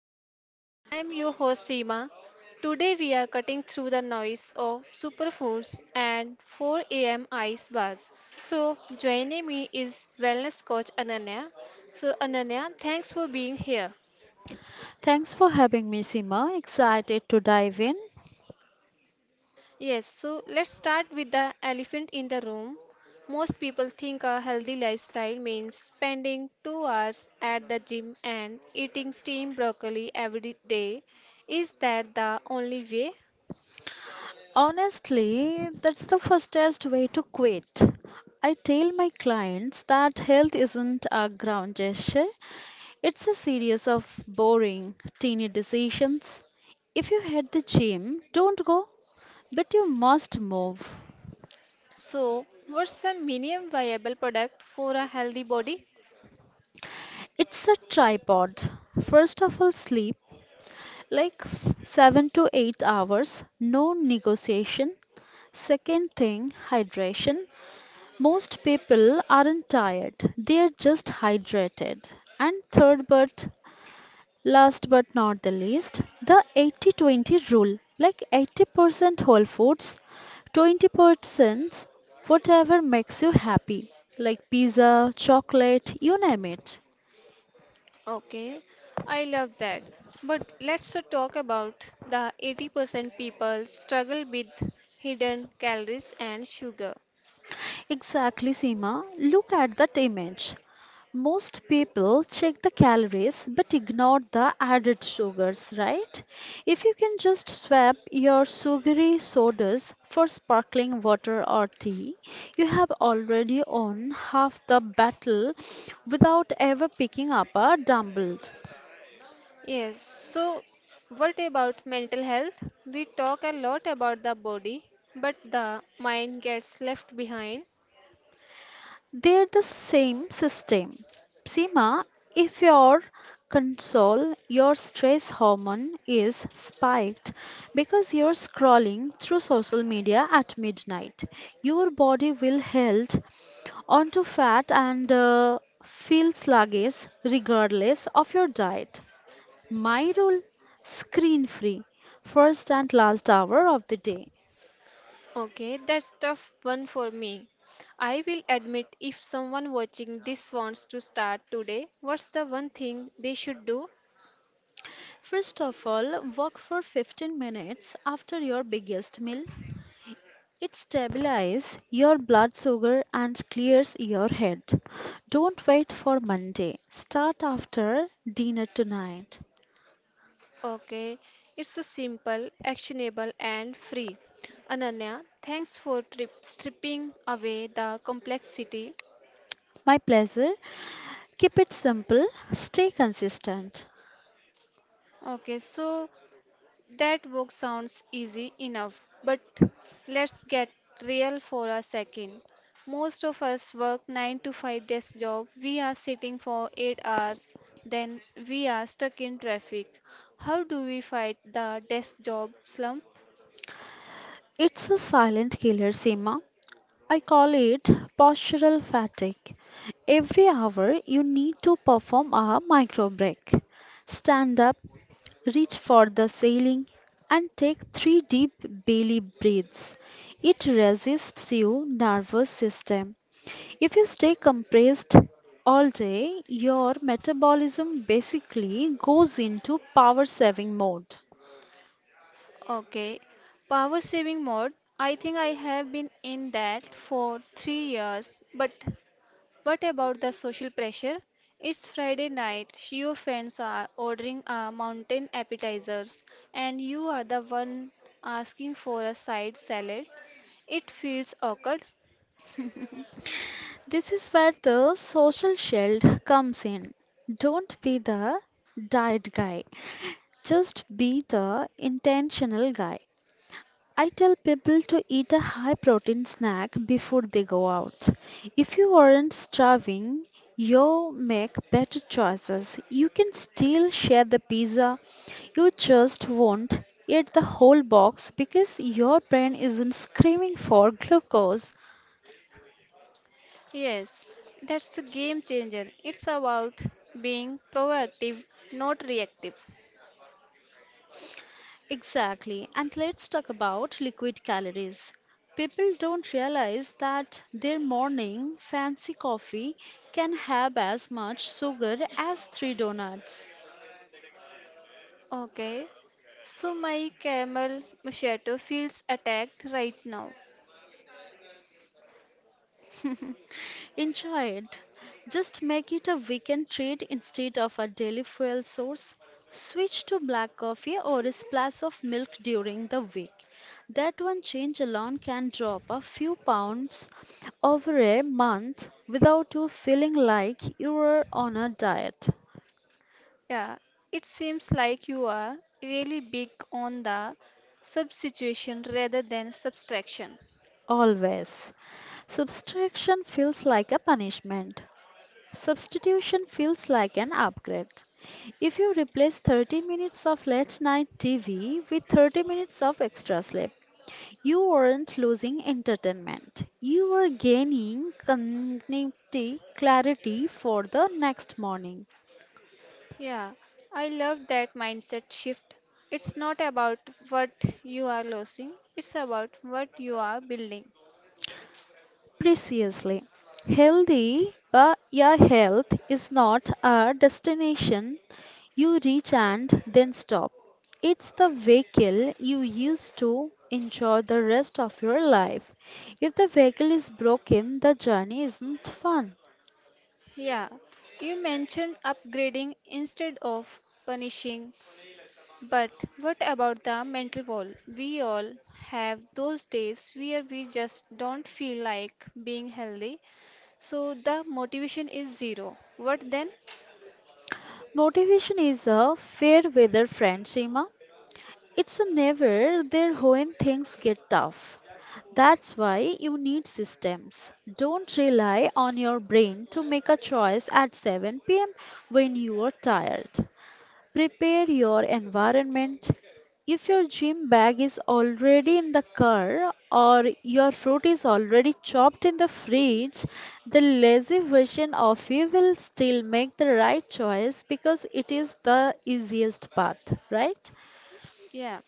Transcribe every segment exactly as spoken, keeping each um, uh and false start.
baseline. I am your host Seema. Today we are cutting through the noise of superfoods and four a m ice baths. So joining me is wellness coach Ananya. So Ananya, thanks for being here. Thanks for having me, Seema. Excited to dive in. Yes, so let's start with the elephant in the room. Most people think a healthy lifestyle means spending two hours at the gym and eating steamed broccoli every day. Is that the only way? Honestly, that's the fastest way to quit. I tell my clients that health isn't a ground gesture, it's a series of boring, teeny decisions. If you hate the gym, don't go, but you must move. So, what's the minimum viable product for a healthy body? It's a tripod. First of all, sleep, like f- seven to eight hours, no negotiation. Second thing, hydration. Most people aren't tired, they're just hydrated. And third, but last but not the least, the eighty twenty rule, like eighty percent whole foods, twenty percent whatever makes you happy, like pizza, chocolate, you name it. Okay, I love that. But let's uh, talk about the eighty percent people struggle with hidden calories and sugar. Exactly, Seema. Look at that image. Most people check the calories but ignore the added sugars, right? If you can just swap your sugary sodas for sparkling water or tea, you have already won half the battle without ever picking up a dumbbell. Yes, so what about mental health? We talk a lot about the body, but the mind gets left behind. They're the same system. Seema, if your console, your stress hormone, is spiked because you're scrolling through social media at midnight, your body will held onto fat and uh, feel sluggish regardless of your diet. My rule: screen free, first and last hour of the day. Okay, that's tough one for me. I will admit, if someone watching this wants to start today, what's the one thing they should do? First of all, walk for fifteen minutes after your biggest meal. It stabilizes your blood sugar and clears your head. Don't wait for Monday. Start after dinner tonight. Okay, it's a simple, actionable and free. Ananya, thanks for trip, stripping away the complexity. My pleasure. Keep it simple. Stay consistent. Okay, so that work sounds easy enough, but let's get real for a second. Most of us work nine to five desk job. We are sitting for eight hours, then we are stuck in traffic. How do we fight the desk job slump? It's a silent killer, Seema. I call it postural fatigue. Every hour you need to perform a micro break. Stand up, reach for the ceiling, and take three deep belly breaths. It resists your nervous system. If you stay compressed all day, your metabolism basically goes into power saving mode. Okay, power saving mode. I think I have been in that for three years, but what about the social pressure? It's Friday night, your friends are ordering a mountain appetizers, and you are the one asking for a side salad. It feels awkward. This is where the social shield comes in. Don't be the diet guy, just be the intentional guy. I tell people to eat a high protein snack before they go out. If you aren't starving, you make better choices. You can still share the pizza, you just won't eat the whole box because your brain isn't screaming for glucose. Yes, that's a game changer. It's about being proactive, not reactive. Exactly. And let's talk about liquid calories. People don't realize that their morning fancy coffee can have as much sugar as three donuts. Okay, so my caramel macchiato feels attacked right now. Enjoy it. Just make it a weekend treat instead of a daily fuel source. Switch to black coffee or a splash of milk during the week. That one change alone can drop a few pounds over a month without you feeling like you are on a diet. Yeah, it seems like you are really big on the substitution rather than subtraction. Always. Subtraction feels like a punishment. Substitution feels like an upgrade. If you replace thirty minutes of late night T V with thirty minutes of extra sleep, you aren't losing entertainment. You are gaining cognitive clarity for the next morning. Yeah, I love that mindset shift. It's not about what you are losing, it's about what you are building. Preciously. Healthy, but your health is not a destination you reach and then stop. It's the vehicle you use to enjoy the rest of your life. If the vehicle is broken, the journey isn't fun. Yeah, you mentioned upgrading instead of punishing, but what about the mental wall? We all have those days where we just don't feel like being healthy, so the motivation is zero. What then? Motivation is a fair weather friend, Seema. It's a never there when things get tough. That's why you need systems. Don't rely on your brain to make a choice at seven p m when you are tired. Prepare your environment. If your gym bag is already in the car or your fruit is already chopped in the fridge, the lazy version of you will still make the right choice because it is the easiest path, right? Yeah.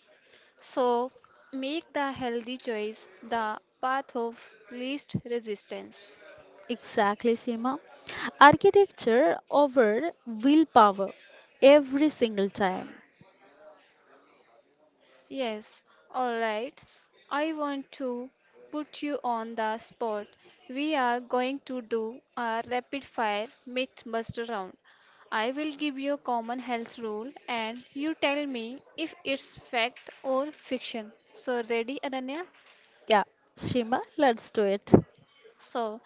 So make the healthy choice the path of least resistance. Exactly, Seema. Architecture over willpower, every single time. Yes. All right. I want to put you on the spot. We are going to do a rapid fire myth buster round. I will give you a common health rule and you tell me if it's fact or fiction. So ready, Ananya? Yeah, Seema, let's do it. So,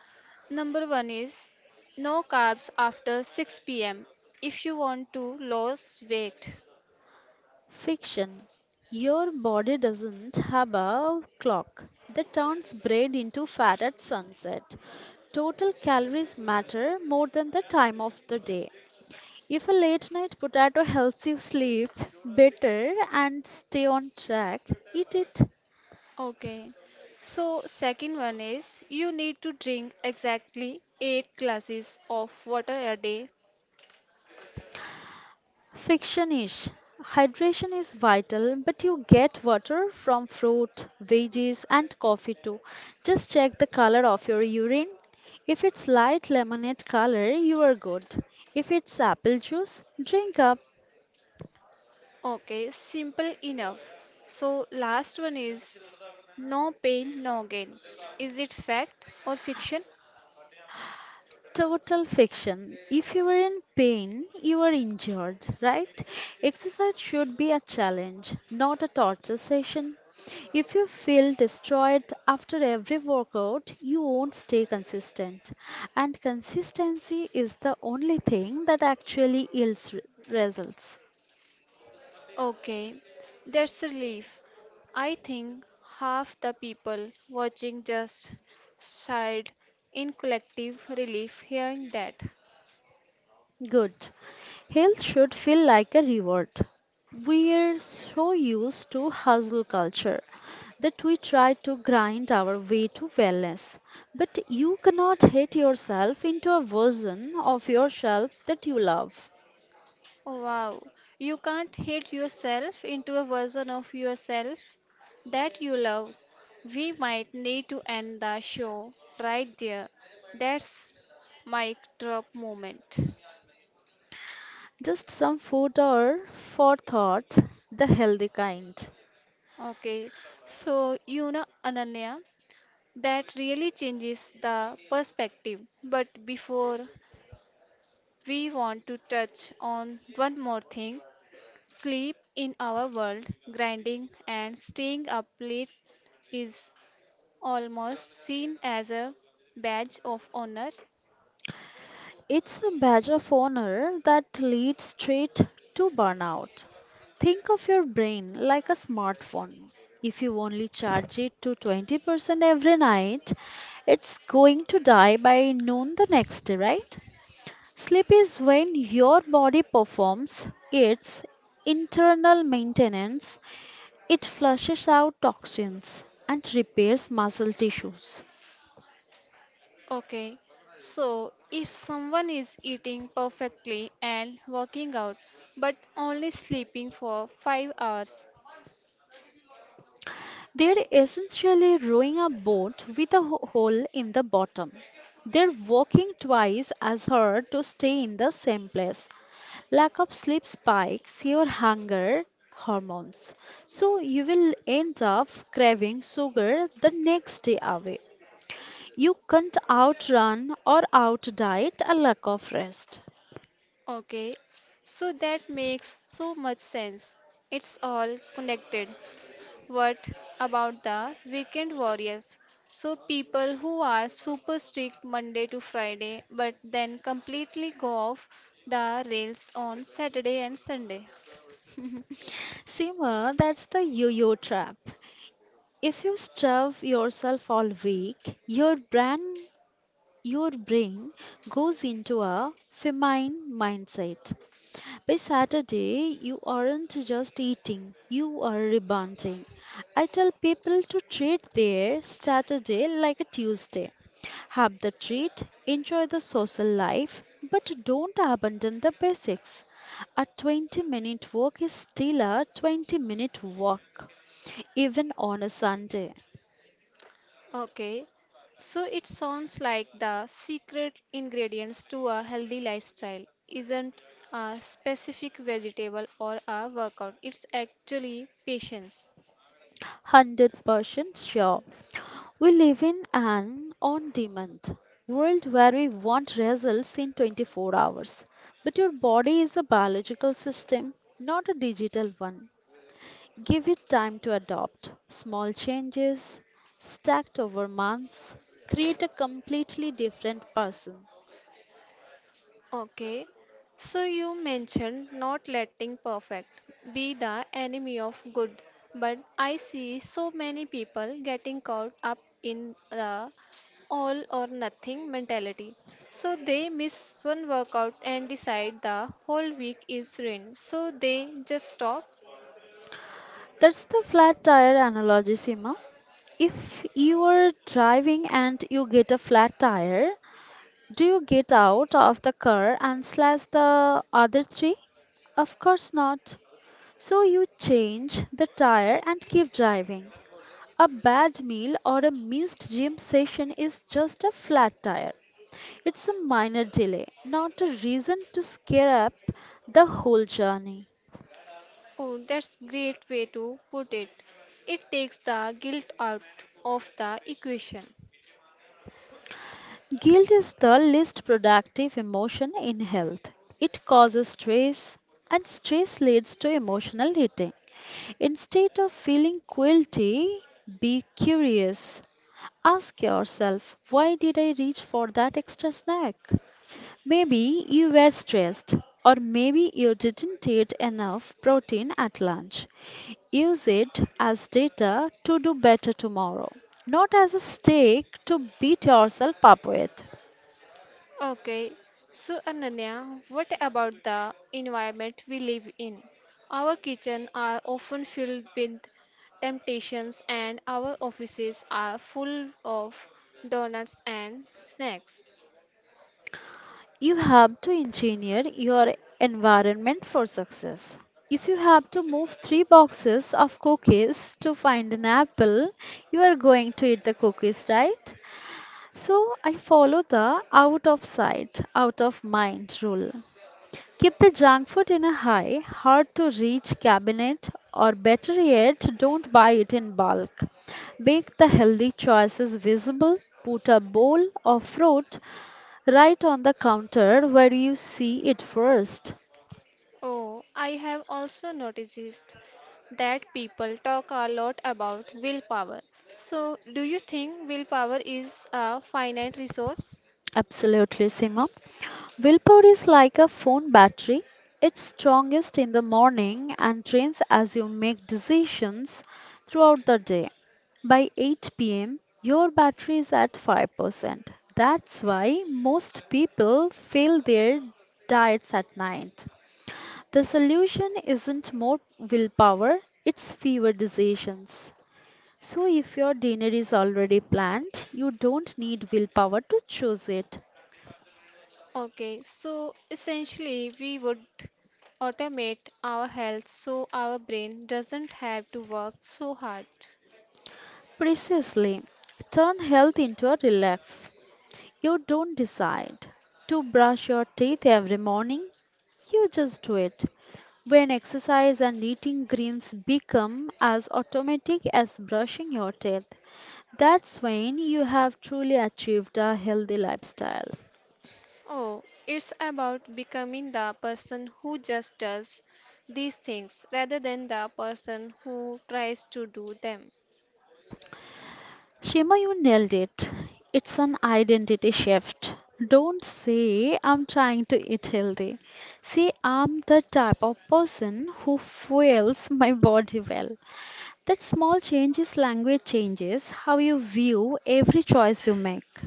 number one is no carbs after six p m if you want to lose weight. Fiction. Your body doesn't have a clock that turns bread into fat at sunset. Total calories matter more than the time of the day. If a late night potato helps you sleep better and stay on track, eat it. Okay. So, second one is you need to drink exactly eight glasses of water a day. Fiction-ish. Hydration is vital, but you get water from fruit, veggies, and coffee too. Just check the color of your urine. If it's light lemonade color, you are good. If it's apple juice, drink up. Okay, simple enough. So, last one is no pain, no gain. Is it fact or fiction? Total fiction. If you are in pain, you are injured, right? Exercise should be a challenge, not a torture session. If you feel destroyed after every workout, you won't stay consistent. And consistency is the only thing that actually yields re- results. Okay, that's a relief. I think half the people watching just sighed in collective relief hearing that. Good. Health should feel like a reward. We're so used to hustle culture that we try to grind our way to wellness. But you cannot hate yourself into a version of yourself that you love. Oh, wow, you can't hate yourself into a version of yourself that you love. We might need to end the show right there. That's mic drop moment. Just some food or for thought, the healthy kind. Okay, so you know Ananya. That really changes the perspective. But before we want to touch on one more thing, sleep in our world, grinding and staying up late is almost seen as a badge of honor. It's a badge of honor that leads straight to burnout. Think of your brain like a smartphone. If you only charge it to twenty percent every night, it's going to die by noon the next day, right? Sleep is when your body performs its internal maintenance. It flushes out toxins and repairs muscle tissues. Okay, so if someone is eating perfectly and working out but only sleeping for five hours. They're essentially rowing a boat with a ho- hole in the bottom. They're walking twice as hard to stay in the same place. Lack of sleep spikes your hunger hormones, so you will end up craving sugar the next day away. You can't outrun or outdiet a lack of rest. Okay, so that makes so much sense. It's all connected. What about the weekend warriors? So, people who are super strict Monday to Friday but then completely go off the rails on Saturday and Sunday. Seema, that's the yo-yo trap. If you starve yourself all week, your brain your brain goes into a feminine mindset. By Saturday, you aren't just eating, you are rebonding. I tell people to treat their Saturday like a Tuesday. Have the treat, enjoy the social life, but don't abandon the basics. A twenty minute walk is still a twenty minute walk, even on a Sunday. Okay, so it sounds like the secret ingredients to a healthy lifestyle isn't a specific vegetable or a workout, it's actually patience. one hundred percent sure. We live in an on demand world where we want results in twenty-four hours. But your body is a biological system, not a digital one. Give it time to adopt. Small changes, stacked over months, create a completely different person. Okay, so you mentioned not letting perfect be the enemy of good, but I see so many people getting caught up in the all or nothing mentality. So they miss one workout and decide the whole week is ruined. So they just stop. That's the flat tire analogy, Sima. If you are driving and you get a flat tire, do you get out of the car and slash the other three? Of course not. So you change the tire and keep driving. A bad meal or a missed gym session is just a flat tire. It's a minor delay, not a reason to scare up the whole journey. Oh, that's great way to put it. It takes the guilt out of the equation. Guilt is the least productive emotion in health. It causes stress, and stress leads to emotional eating. Instead of feeling guilty, be curious. Ask yourself, why did I reach for that extra snack? Maybe you were stressed, or maybe you didn't eat enough protein at lunch. Use it as data to do better tomorrow, not as a stake to beat yourself up with. Okay, so Ananya, what about the environment we live in? Our kitchens are often filled with temptations, and our offices are full of donuts and snacks. You have to engineer your environment for success. If you have to move three boxes of cookies to find an apple, you are going to eat the cookies, right? So I follow the out of sight, out of mind rule. Keep the junk food in a high, hard to reach cabinet, or better yet, don't buy it in bulk. Make the healthy choices visible. Put a bowl of fruit right on the counter where you see it first. Oh, I have also noticed that people talk a lot about willpower. So, do you think willpower is a finite resource? Absolutely, Sima. Willpower is like a phone battery. It's strongest in the morning and drains as you make decisions throughout the day. By eight p m, your battery is at five percent. That's why most people fail their diets at night. The solution isn't more willpower, it's fewer decisions. So, if your dinner is already planned, you don't need willpower to choose it. Okay, so essentially, we would automate our health so our brain doesn't have to work so hard. Precisely, turn health into a relief. You don't decide to brush your teeth every morning, you just do it. When exercise and eating greens become as automatic as brushing your teeth, that's when you have truly achieved a healthy lifestyle. Oh, it's about becoming the person who just does these things rather than the person who tries to do them. Shima, you nailed it. It's an identity shift. Don't say I'm trying to eat healthy. Say I'm the type of person who fuels my body well. That small changes language changes how you view every choice you make.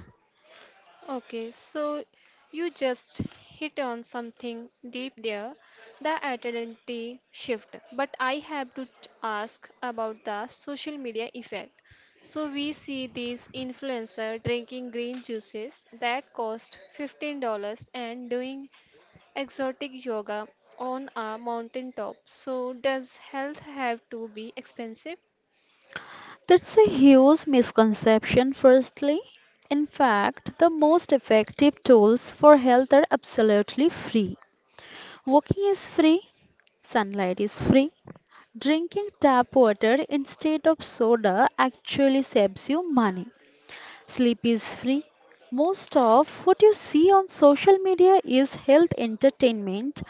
Okay, so you just hit on something deep there, the identity shift. But I have to t- ask about the social media effect. So we see these influencer drinking green juices that cost fifteen dollars and doing exotic yoga on a mountain top. So does health have to be expensive? That's a huge misconception, firstly. In fact, the most effective tools for health are absolutely free. Walking is free, sunlight is free. Drinking tap water instead of soda actually saves you money. Sleep is free. Most of what you see on social media is health entertainment,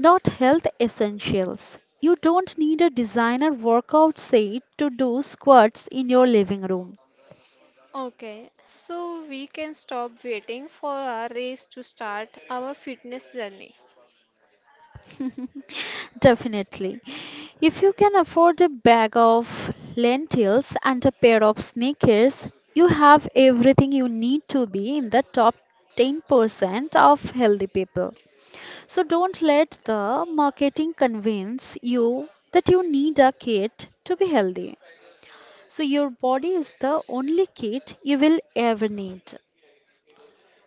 not health essentials. You don't need a designer workout set to do squats in your living room. Okay, so we can stop waiting for our race to start our fitness journey. Definitely. If you can afford a bag of lentils and a pair of sneakers, you have everything you need to be in the top ten percent of healthy people. So don't let the marketing convince you that you need a kit to be healthy. So your body is the only kit you will ever need.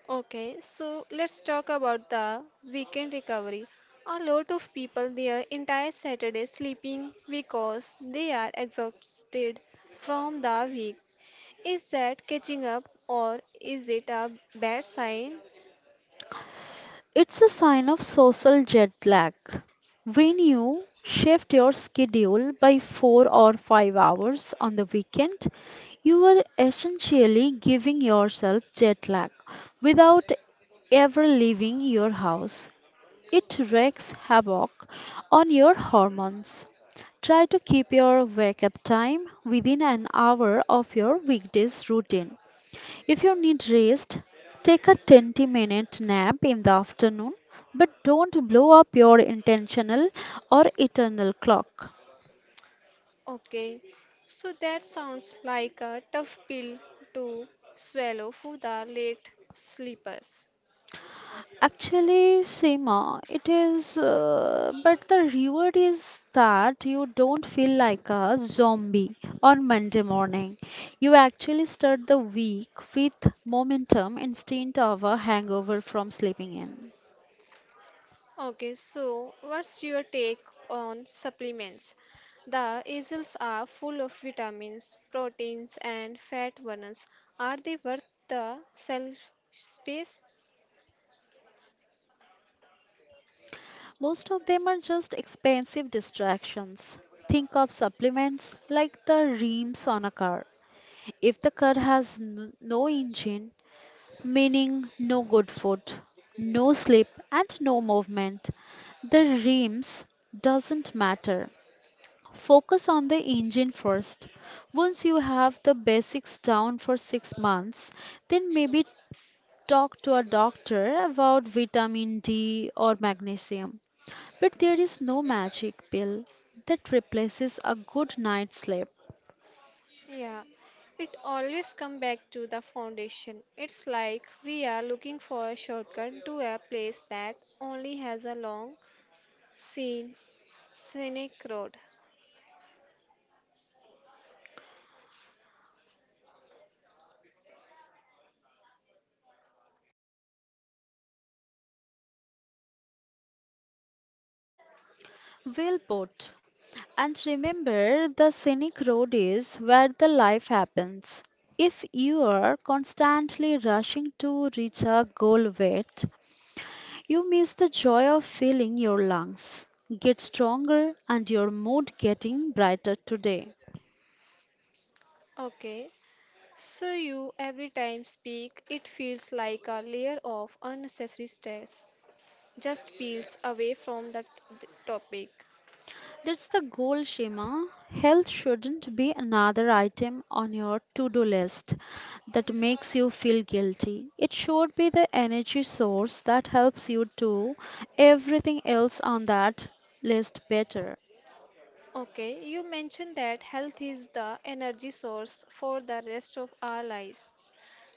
Okay, so let's talk about the weekend recovery. A lot of people their entire Saturday sleeping because they are exhausted from the week. Is that catching up or is it a bad sign? It's a sign of social jet lag. When you shift your schedule by four or five hours on the weekend, you are essentially giving yourself jet lag without ever leaving your house. It wreaks havoc on your hormones. Try to keep your wake up time within an hour of your weekday's routine. If you need rest, take a twenty minute nap in the afternoon, but don't blow up your intentional or eternal clock. Okay, so that sounds like a tough pill to swallow for the late sleepers. Actually, Seema, it is, uh, but the reward is that you don't feel like a zombie on Monday morning. You actually start the week with momentum instead of a hangover from sleeping in. Okay, so what's your take on supplements? The aisles are full of vitamins, proteins, and fat ones. Are they worth the shelf space? Most of them are just expensive distractions. Think of supplements like the rims on a car. If the car has n- no engine, meaning no good food, no sleep and no movement, the rims doesn't matter. Focus on the engine first. Once you have the basics down for six months, then maybe talk to a doctor about vitamin D or magnesium. But there is no magic pill that replaces a good night's sleep. Yeah, it always comes back to the foundation. It's like we are looking for a shortcut to a place that only has a long, seen, scenic road. Well put. And remember, the scenic road is where the life happens. If you are constantly rushing to reach a goal weight, you miss the joy of filling your lungs. Get stronger and your mood getting brighter today. Okay, so you every time speak, it feels like a layer of unnecessary stress just peels away from that th- topic. That's the goal, Shema. Health shouldn't be another item on your to do list that makes you feel guilty. It should be the energy source that helps you do everything else on that list better. Okay, you mentioned that health is the energy source for the rest of our lives.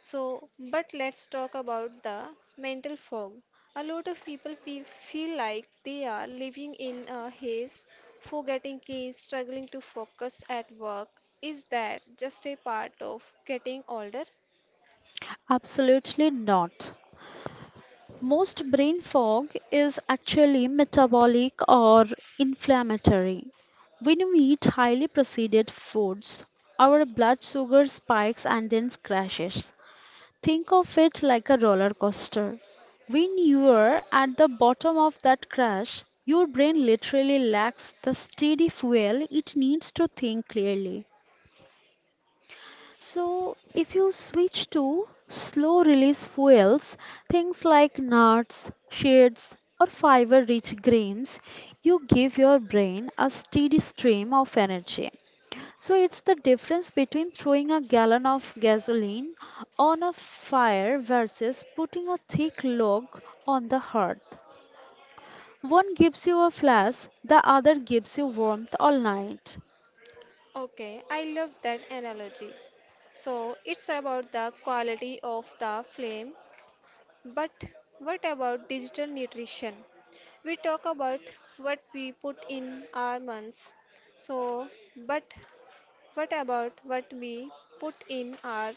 So, but let's talk about the mental fog. A lot of people fe- feel like they are living in a haze, forgetting keys, struggling to focus at work. Is that just a part of getting older? Absolutely not. Most brain fog is actually metabolic or inflammatory. When we eat highly processed foods, our blood sugar spikes and then crashes. Think of it like a roller coaster. When you're at the bottom of that crash, your brain literally lacks the steady fuel it needs to think clearly. So, if you switch to slow release fuels, things like nuts, seeds, or fiber rich grains, you give your brain a steady stream of energy. So it's the difference between throwing a gallon of gasoline on a fire versus putting a thick log on the hearth. One gives you a flash, the other gives you warmth all night. Okay, I love that analogy. So, it's about the quality of the flame. But what about digital nutrition? We talk about what we put in our months. So, but what about what we put in our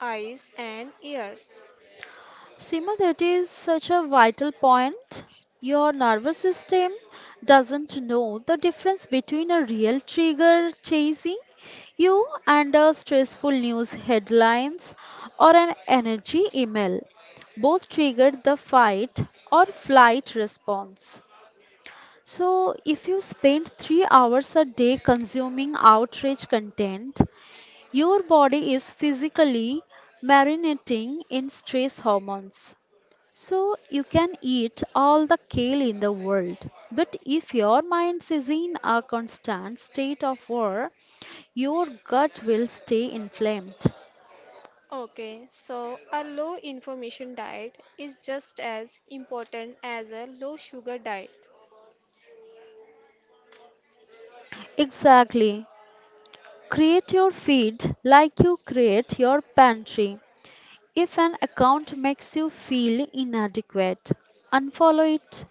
eyes and ears? Seema, that is such a vital point. Your nervous system doesn't know the difference between a real trigger chasing you and a stressful news headlines or an energy email. Both trigger the fight or flight response. So, if you spend three hours a day consuming outrage content, your body is physically marinating in stress hormones. So you can eat all the kale in the world, but if your mind is in a constant state of war, your gut will stay inflamed. Okay, so a low information diet is just as important as a low sugar diet. Exactly. Create your feed like you create your pantry. If an account makes you feel inadequate, unfollow it.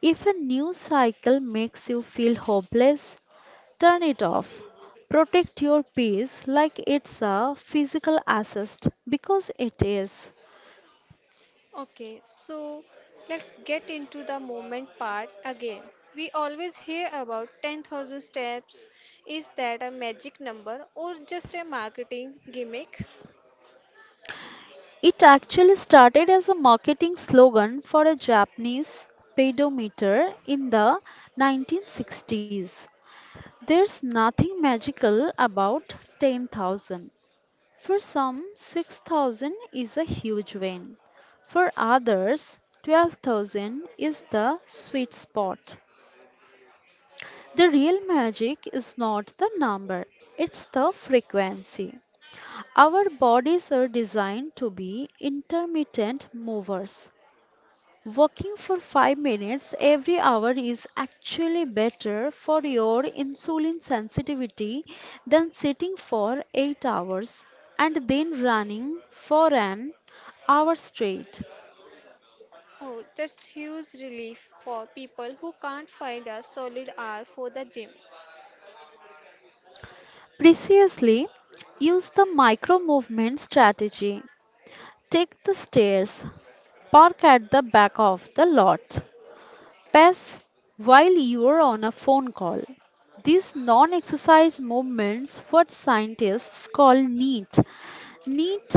If a news cycle makes you feel hopeless, turn it off. Protect your peace like it's a physical asset because it is. Okay, so let's get into the movement part again. We always hear about ten thousand steps. Is that a magic number or just a marketing gimmick? It actually started as a marketing slogan for a Japanese pedometer in the nineteen sixties. There's nothing magical about ten thousand. For some, six thousand is a huge win. For others, twelve thousand is the sweet spot. The real magic is not the number, it's the frequency. Our bodies are designed to be intermittent movers. Walking for five minutes every hour is actually better for your insulin sensitivity than sitting for eight hours and then running for an hour straight. Oh, that's huge relief for people who can't find a solid hour for the gym. Preciously, use the micro movement strategy. Take the stairs. Park at the back of the lot. Pass while you're on a phone call. These non exercise movements, what scientists call NEAT. NEAT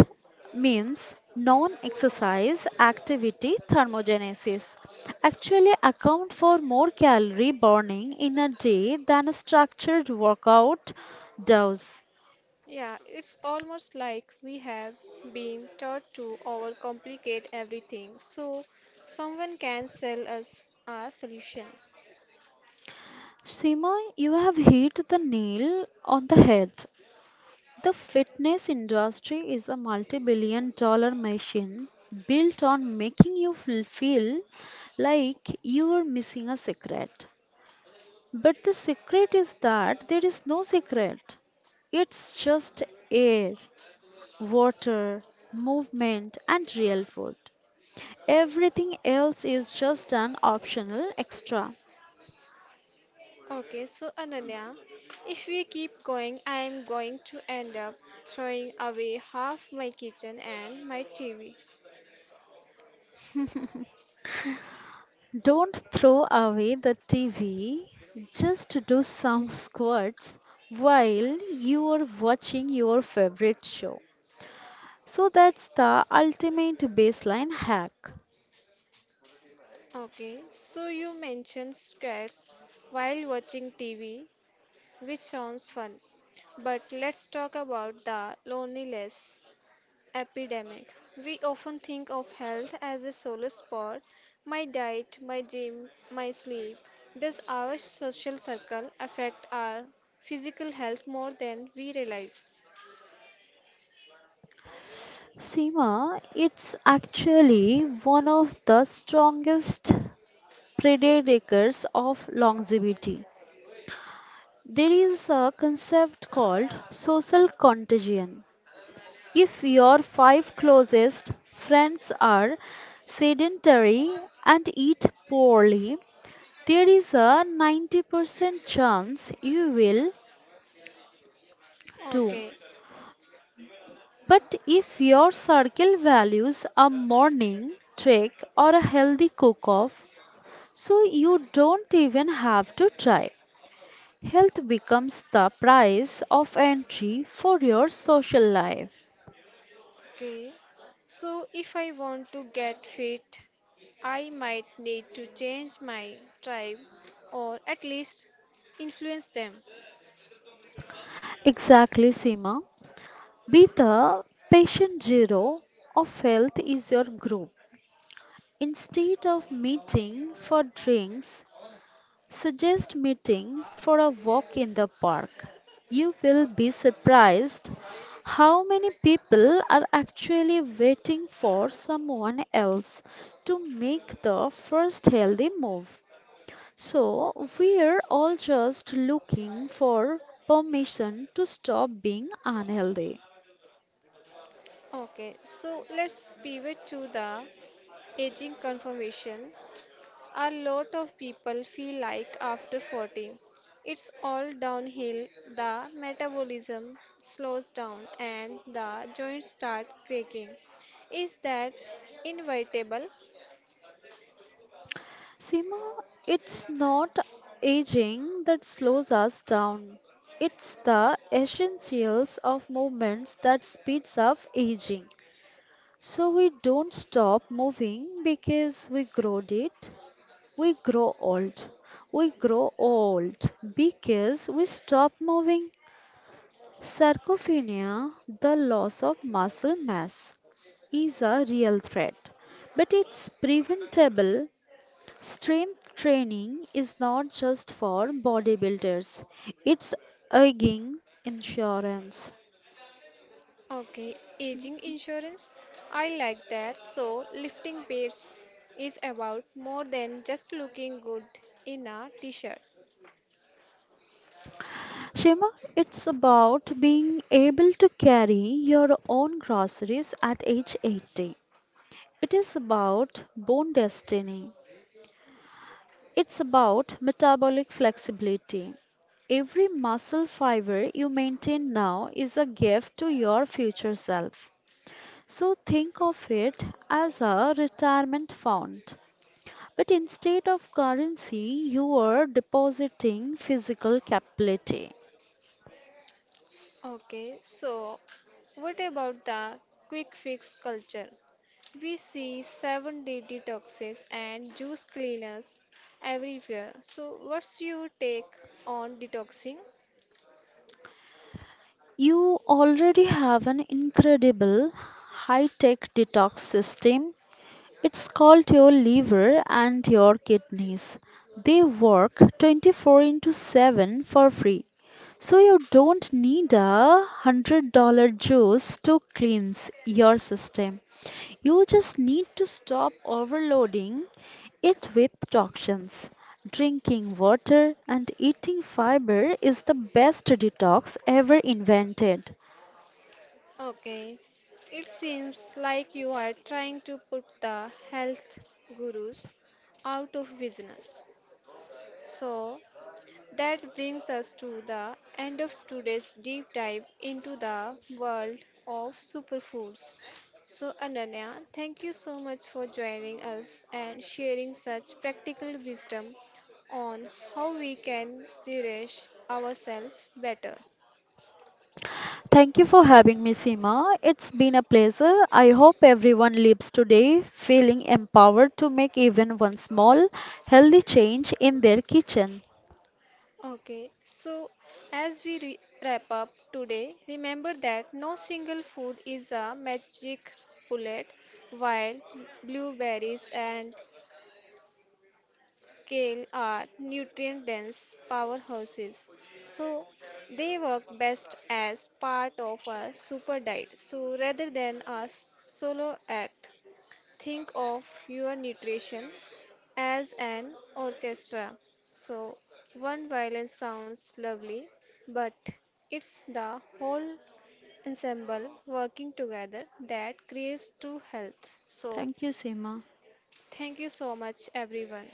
means non exercise activity thermogenesis, actually account for more calorie burning in a day than a structured workout does. Yeah, it's almost like we have been taught to overcomplicate everything so someone can sell us a solution. Seema, you have hit the nail on the head. The fitness industry is a multi billion dollar machine built on making you feel feel like you are missing a secret. But the secret is that there is no secret, it's just air, water, movement, and real food. Everything else is just an optional extra. Okay, so Ananya, if we keep going, I am going to end up throwing away half my kitchen and my T V. Don't throw away the T V. Just do some squats while you are watching your favorite show. So that's the ultimate baseline hack. Okay, so you mentioned scares while watching T V, which sounds fun. But let's talk about the loneliness epidemic. We often think of health as a solo spot, my diet, my gym, my sleep. Does our social circle affect our physical health more than we realize? Seema, it's actually one of the strongest predictors of longevity. There is a concept called social contagion. If your five closest friends are sedentary and eat poorly, there is a ninety percent chance you will too. Okay, But if your circle values a morning trek or a healthy cook off, so you don't even have to try. Health becomes the price of entry for your social life. okay. So, if I want to get fit, I might need to change my tribe or at least influence them. Exactly, Seema. Be the patient zero of health is your group. Instead of meeting for drinks, suggest meeting for a walk in the park. You will be surprised how many people are actually waiting for someone else to make the first healthy move. So, we're all just looking for permission to stop being unhealthy. Okay, so let's pivot to the aging confirmation. A lot of people feel like after forty, it's all downhill. The metabolism slows down and the joints start cracking. Is that inevitable? Seema, it's not aging that slows us down. It's the essentials of movements that speeds up aging. So we don't stop moving because we grow it. We grow old. We grow old because we stop moving. Sarcopenia, the loss of muscle mass, is a real threat, but it's preventable. Strength training is not just for bodybuilders, it's again insurance. Okay, aging insurance. I like that. So, lifting weights is about more than just looking good in a t shirt. Shema, it's about being able to carry your own groceries at age eighty. It is about bone destiny. It's about metabolic flexibility. Every muscle fiber you maintain now is a gift to your future self. So think of it as a retirement fund. But instead of currency, you are depositing physical capability. Okay, so what about the quick fix culture? We see seven day detoxes and juice cleaners everywhere. So, what's your take on detoxing? You already have an incredible high tech detox system. It's called your liver and your kidneys. They work twenty-four into seven for free. So you don't need a one hundred dollars juice to cleanse your system. You just need to stop overloading it with toxins. Drinking water and eating fiber is the best detox ever invented. Okay, it seems like you are trying to put the health gurus out of business. So, that brings us to the end of today's deep dive into the world of superfoods. So, Ananya, thank you so much for joining us and sharing such practical wisdom on how we can nourish ourselves better. Thank you for having me, Seema. It's been a pleasure. I hope everyone leaves today feeling empowered to make even one small healthy change in their kitchen. Okay, so as we re- wrap up today, remember that no single food is a magic bullet, while blueberries and kale are nutrient dense powerhouses, so they work best as part of a super diet. So rather than a s- solo act, think of your nutrition as an orchestra. So one violin sounds lovely, but it's the whole ensemble working together that creates true health. So Thank you, Seema. thank you so much everyone.